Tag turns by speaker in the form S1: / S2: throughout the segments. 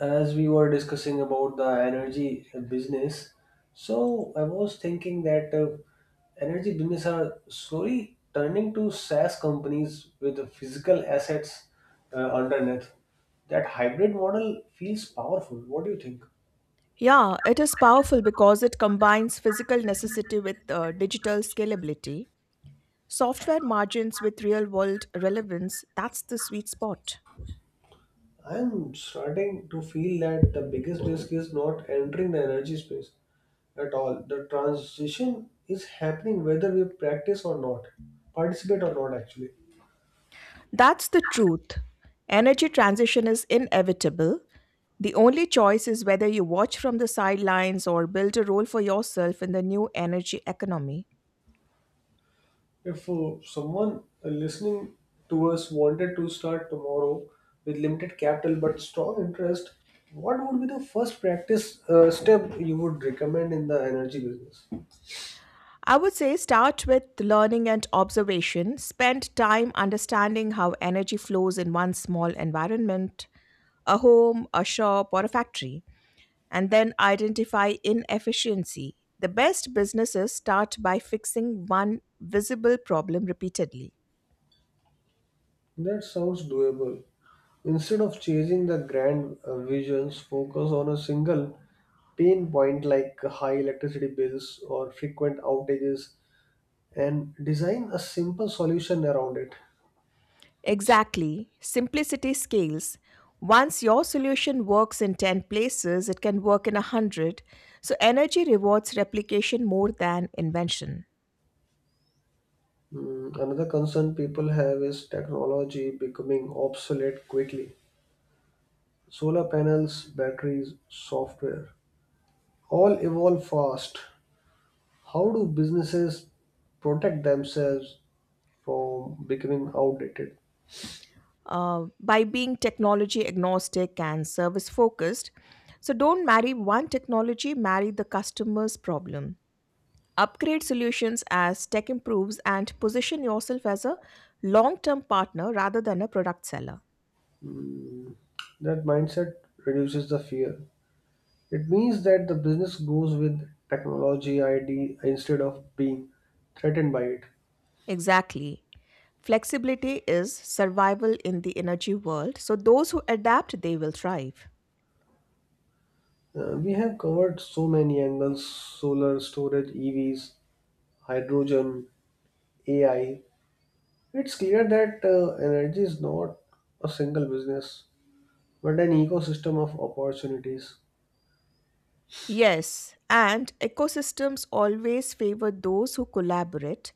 S1: As we were discussing about the energy business, so I was thinking that energy business are slowly turning to SaaS companies with the physical assets underneath. That hybrid model feels powerful. What do you think?
S2: Yeah, it is powerful because it combines physical necessity with digital scalability, software margins with real world relevance. That's the sweet spot.
S1: I am starting to feel that the biggest risk is not entering the energy space at all. The transition is happening whether we practice or not, participate or not, actually.
S2: That's the truth. Energy transition is inevitable. The only choice is whether you watch from the sidelines or build a role for yourself in the new energy economy.
S1: If someone listening to us wanted to start tomorrow with limited capital but strong interest, what would be the first practice step you would recommend in the energy business?
S2: I would say start with learning and observation. Spend time understanding how energy flows in one small environment, a home, a shop, or a factory, and then identify inefficiency. The best businesses start by fixing one visible problem repeatedly.
S1: That sounds doable. Instead of chasing the grand visions, focus on a single pain point like high electricity bills or frequent outages and design a simple solution around it.
S2: Exactly, simplicity scales. Once your solution works in 10 places, it can work in a 100. So, energy rewards replication more than invention.
S1: Another concern people have is technology becoming obsolete quickly. Solar panels, batteries, software all evolve fast. How do businesses protect themselves from becoming outdated?
S2: By being technology agnostic and service focused, so don't marry one technology, marry the customer's problem. Upgrade solutions as tech improves and position yourself as a long term partner rather than a product seller.
S1: Mm. That mindset reduces the fear. It means that the business goes with technology ID instead of being threatened by it.
S2: Exactly. Flexibility is survival in the energy world, so those who adapt, they will thrive.
S1: We have covered so many angles, solar, storage, EVs, hydrogen, AI. It's clear that energy is not a single business, but an ecosystem of opportunities.
S2: Yes, and ecosystems always favor those who collaborate.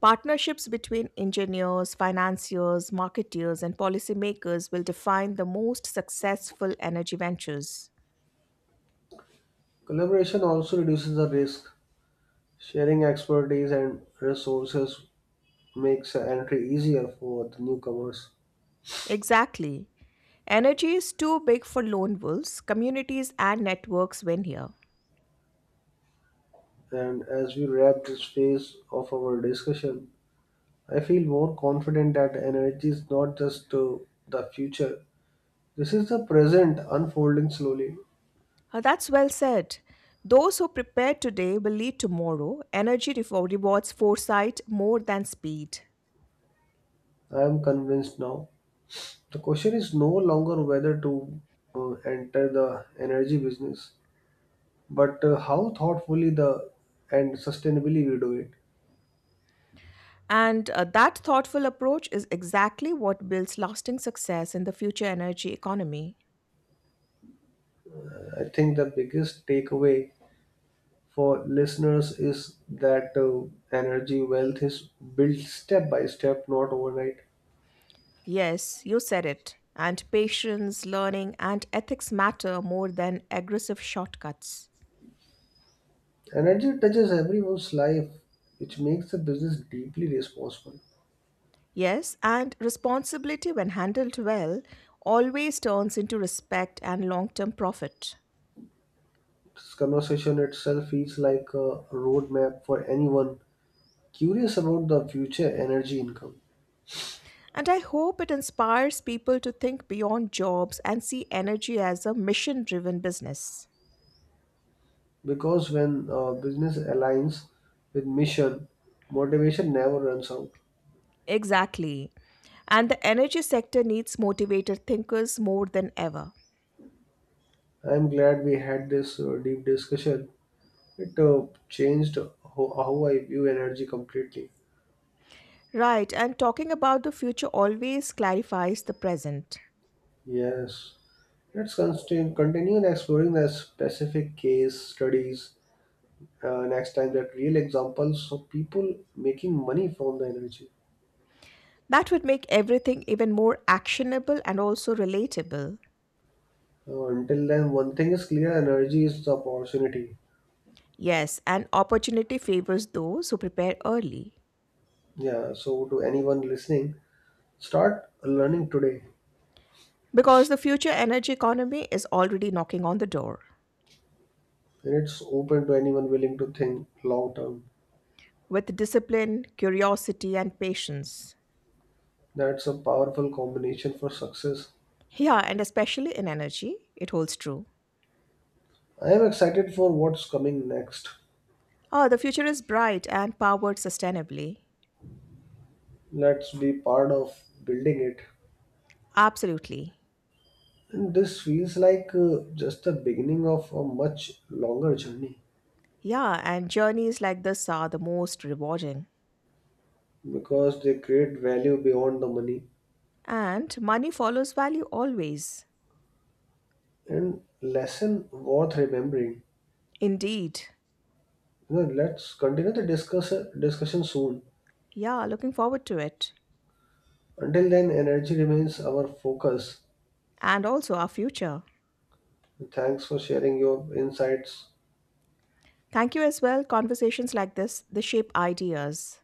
S2: Partnerships between engineers, financiers, marketeers, and policymakers will define the most successful energy ventures.
S1: Collaboration also reduces the risk. Sharing expertise and resources makes entry easier for the newcomers.
S2: Exactly. Energy is too big for lone wolves. Communities and networks win here.
S1: And as we wrap this phase of our discussion, I feel more confident that energy is not just the future. This is the present unfolding slowly.
S2: That's well said. Those who prepare today will lead tomorrow. Energy rewards foresight more than speed.
S1: I am convinced now. The question is no longer whether to enter the energy business, but how thoughtfully the and sustainably we do it.
S2: And that thoughtful approach is exactly what builds lasting success in the future energy economy.
S1: I think the biggest takeaway for listeners is that energy wealth is built step by step, not overnight.
S2: Yes, you said it. And patience, learning, and ethics matter more than aggressive shortcuts.
S1: Energy touches everyone's life, which makes the business deeply responsible.
S2: Yes, and responsibility, when handled well, always turns into respect and long term profit.
S1: This conversation itself feels like a roadmap for anyone curious about the future energy income.
S2: And I hope it inspires people to think beyond jobs and see energy as a mission driven business.
S1: Because when business aligns with mission, motivation never runs out.
S2: Exactly. And the energy sector needs motivated thinkers more than ever.
S1: I'm glad we had this deep discussion. It changed how I view energy completely.
S2: Right, and talking about the future always clarifies the present.
S1: Yes. Let's continue in exploring the specific case studies next time, that real examples of people making money from the energy.
S2: That would make everything even more actionable and also relatable.
S1: Until then, one thing is clear, energy is the opportunity.
S2: Yes, and opportunity favors those who prepare early
S1: Yeah, so to anyone listening, start learning today.
S2: because the future energy economy is already knocking on the door
S1: And it's open to anyone willing to think long term.
S2: with discipline, curiosity, and patience.
S1: That's a powerful combination for success.
S2: Yeah, and especially in energy, it holds true.
S1: I am excited for what's coming next.
S2: Oh, the future is bright and powered sustainably.
S1: Let's be part of building it.
S2: Absolutely.
S1: And this feels like just the beginning of a much longer journey,
S2: Yeah, and journeys like this are the most rewarding.
S1: because they create value beyond the money
S2: And money follows value always.
S1: and lesson worth remembering.
S2: Indeed.
S1: You know, let's continue the discussion soon.
S2: Yeah, looking forward to it.
S1: Until then, energy remains our focus.
S2: And also our future.
S1: Thanks for sharing your insights.
S2: Thank you as well. Conversations like this, they shape ideas.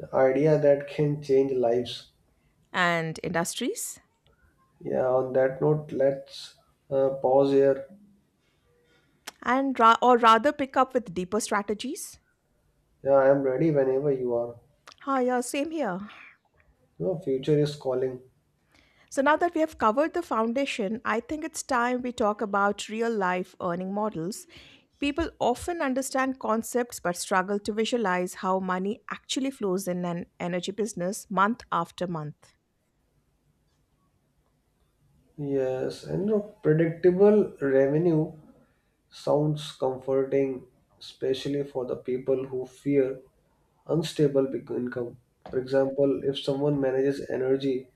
S1: The idea that can change lives.
S2: And industries?
S1: Yeah, on that note, let's pause here.
S2: Or rather pick up with deeper strategies.
S1: Yeah, I am ready whenever you are.
S2: Hi, yeah, same here.
S1: No, future is calling.
S2: So now that we have covered the foundation, I think it's time we talk about real life earning models. People often understand concepts but struggle to visualize how money actually flows in an energy business month after month.
S1: Yes, and no, predictable revenue sounds comforting, especially for the people who fear income. For example, if someone manages energy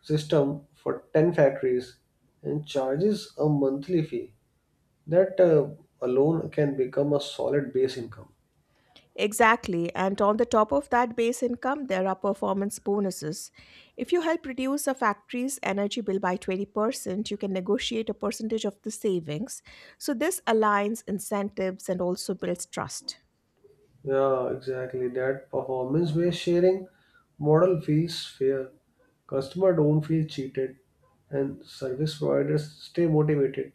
S1: system for 10 factories and charges a monthly fee, that alone can become a solid base income.
S2: Exactly, and on the top of that base income, there are performance bonuses. If you help reduce a factory's energy bill by 20%, you can negotiate a percentage of the savings. So, this aligns incentives and also builds trust.
S1: Yeah, exactly. That performance-based sharing model feels fair. Customer don't feel cheated, and service providers stay motivated.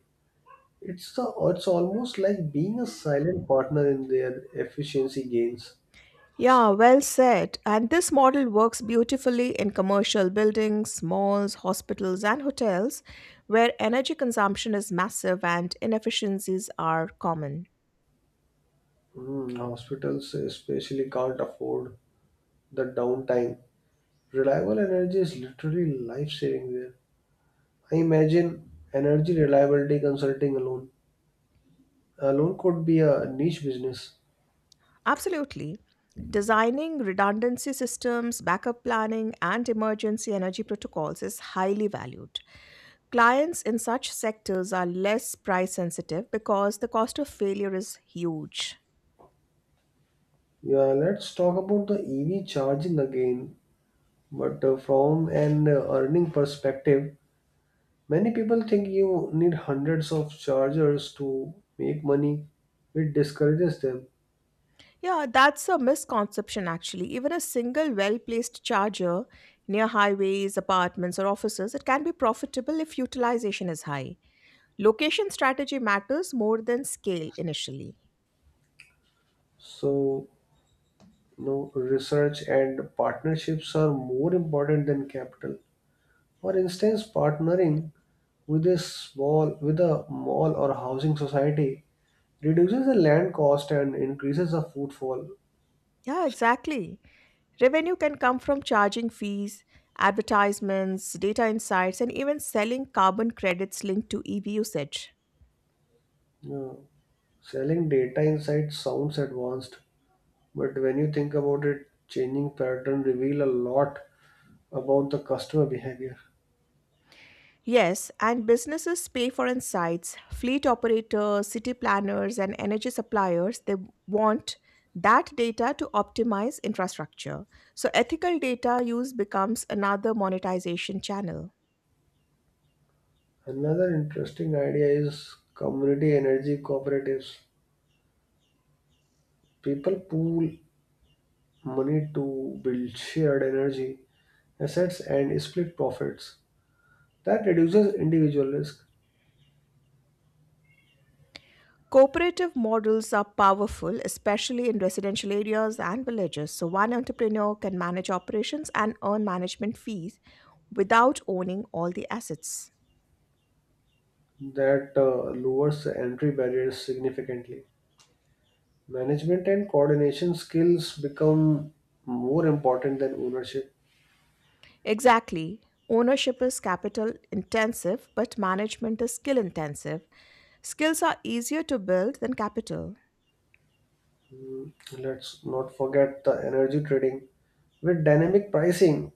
S1: It's the, it's almost like being a silent partner in their efficiency gains.
S2: Yeah, well said. And this model works beautifully in commercial buildings, malls, hospitals, and hotels where energy consumption is massive and inefficiencies are common.
S1: Hmm, hospitals especially can't afford the downtime. Reliable energy is literally life-saving there. I imagine energy reliability consulting alone could be a niche business.
S2: Absolutely. Designing redundancy systems, backup planning, and emergency energy protocols is highly valued. Clients in such sectors are less price sensitive because the cost of failure is huge.
S1: Yeah, let's talk about the EV charging again. But from an earning perspective, many people think you need hundreds of chargers to make money. It discourages them.
S2: Yeah, that's a misconception actually. Even a single well placed charger near highways, apartments, or offices, it can be profitable if utilization is high. Location strategy matters more than scale initially.
S1: So, you know, research and partnerships are more important than capital. For instance, partnering with a mall or housing society reduces the land cost and increases the footfall.
S2: Yeah, exactly. Revenue can come from charging fees, advertisements, data insights, and even selling carbon credits linked to EV usage.
S1: Yeah. Selling data insights sounds advanced, but when you think about it, changing pattern reveal a lot about the customer behavior.
S2: Yes, and businesses pay for insights. Fleet operators, city planners, and energy suppliers, they want that data to optimize infrastructure. So ethical data use becomes another monetization channel.
S1: Another interesting idea is community energy cooperatives. People pool money to build shared energy assets and split profits. That reduces individual risk.
S2: Cooperative models are powerful, especially in residential areas and villages. So, one entrepreneur can manage operations and earn management fees without owning all the assets.
S1: That lowers the entry barriers significantly. Management and coordination skills become more important than ownership.
S2: Exactly. Ownership is capital intensive, but management is skill intensive. Skills are easier to build than capital.
S1: Mm. Let's not forget the energy trading. With dynamic pricing,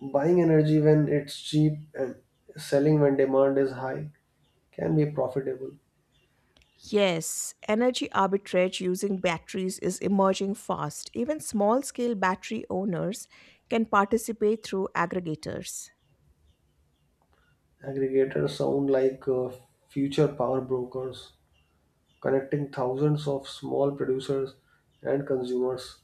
S1: buying energy when it's cheap and selling when demand is high can be profitable.
S2: Yes, energy arbitrage using batteries is emerging fast. Even small scale battery owners can participate through aggregators.
S1: Aggregators sound like future power brokers, connecting thousands of small producers and consumers.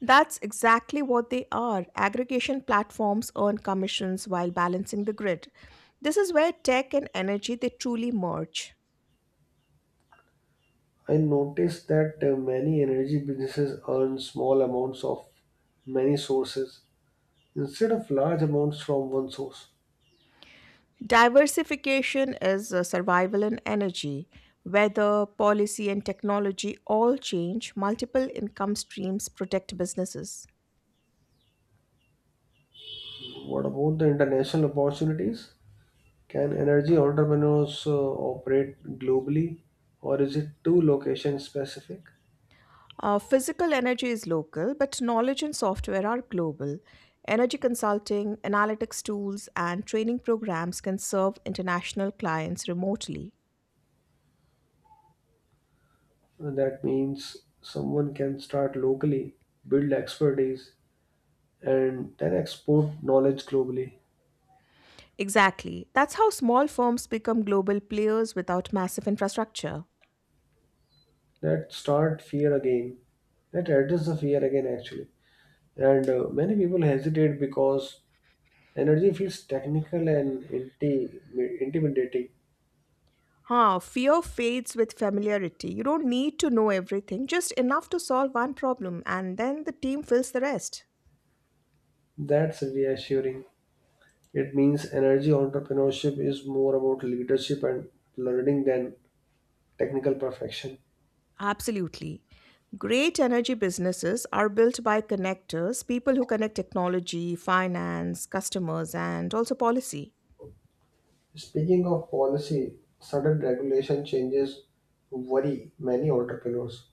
S2: That's exactly what they are. Aggregation platforms earn commissions while balancing the grid. This is where tech and energy they truly merge.
S1: I noticed that many energy businesses earn small amounts of many sources instead of large amounts from one source.
S2: Diversification is survival in energy. Weather, policy, and technology all change. Multiple income streams protect businesses.
S1: What about the international opportunities? Can energy entrepreneurs operate globally, or is it too location specific?
S2: Physical energy is local, but knowledge and software are global. Energy consulting, analytics tools, and training programs can serve international clients remotely.
S1: And that means someone can start locally, build expertise, and then export knowledge globally.
S2: Exactly. That's how small firms become global players without massive infrastructure.
S1: That start fear again. That address the fear again, actually. And many people hesitate because energy feels technical and intimidating.
S2: Huh, fear fades with familiarity. You don't need to know everything, just enough to solve one problem, and then the team fills the rest.
S1: That's reassuring. It means energy entrepreneurship is more about leadership and learning than technical perfection.
S2: Absolutely. Great energy businesses are built by connectors, people who connect technology, finance, customers, and also policy.
S1: Speaking of policy, sudden regulation changes worry many entrepreneurs.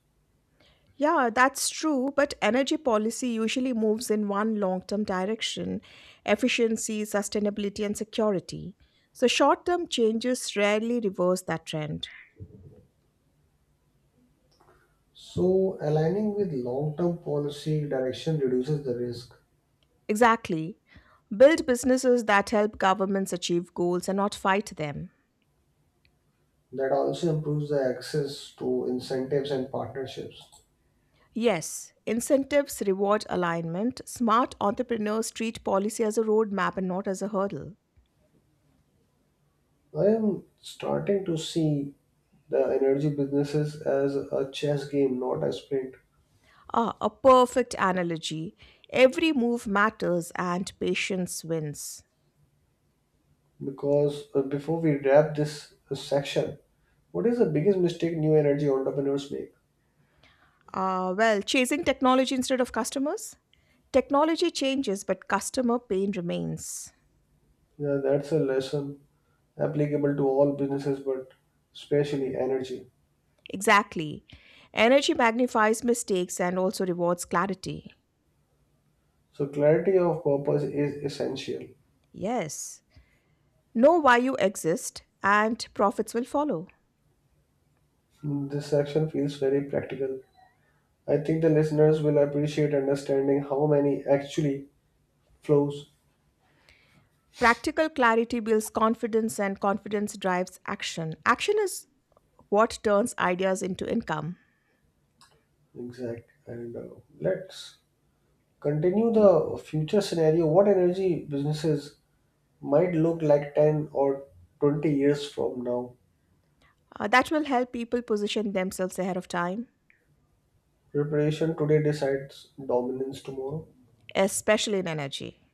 S2: Yeah, that's true, but energy policy usually moves in one long term direction: efficiency, sustainability, and security. So, short term changes rarely reverse that trend.
S1: So, aligning with long term policy direction reduces the risk.
S2: Exactly. Build businesses that help governments achieve goals and not fight them.
S1: That also improves the access to incentives and partnerships.
S2: Yes, incentives reward alignment. Smart entrepreneurs treat policy as a roadmap and not as a hurdle.
S1: I am starting to see the energy businesses as a chess game, not a sprint.
S2: Ah, a perfect analogy. Every move matters and patience wins.
S1: Because before we wrap this section, what is the biggest mistake new energy entrepreneurs make?
S2: Well, chasing technology instead of customers? Technology changes, but customer pain remains.
S1: Yeah, that's a lesson applicable to all businesses, but especially energy.
S2: Exactly. Energy magnifies mistakes and also rewards clarity.
S1: So, clarity of purpose is essential.
S2: Yes. Know why you exist, and profits will follow.
S1: Hmm, this section feels very practical. I think the listeners will appreciate understanding how many actually flows.
S2: Practical clarity builds confidence, and confidence drives action. Action is what turns ideas into income.
S1: Exact. And let's continue the future scenario. What energy businesses might look like 10 or 20 years from now.
S2: That will help people position themselves ahead of time,
S1: Preparation today decides dominance tomorrow.
S2: especially in energy.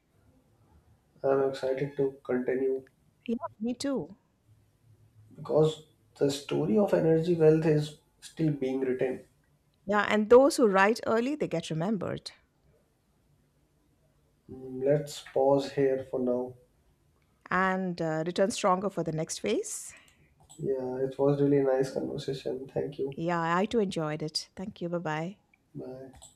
S1: I'm excited to continue
S2: Yeah, me too.
S1: because the story of energy wealth is still being written.
S2: Yeah, and those who write early, they get remembered,
S1: Mm. Let's pause here for now.
S2: and return stronger for the next phase.
S1: Yeah, it was really nice conversation. Thank you.
S2: Yeah, I too enjoyed it. Thank you. Bye bye.
S1: Bye.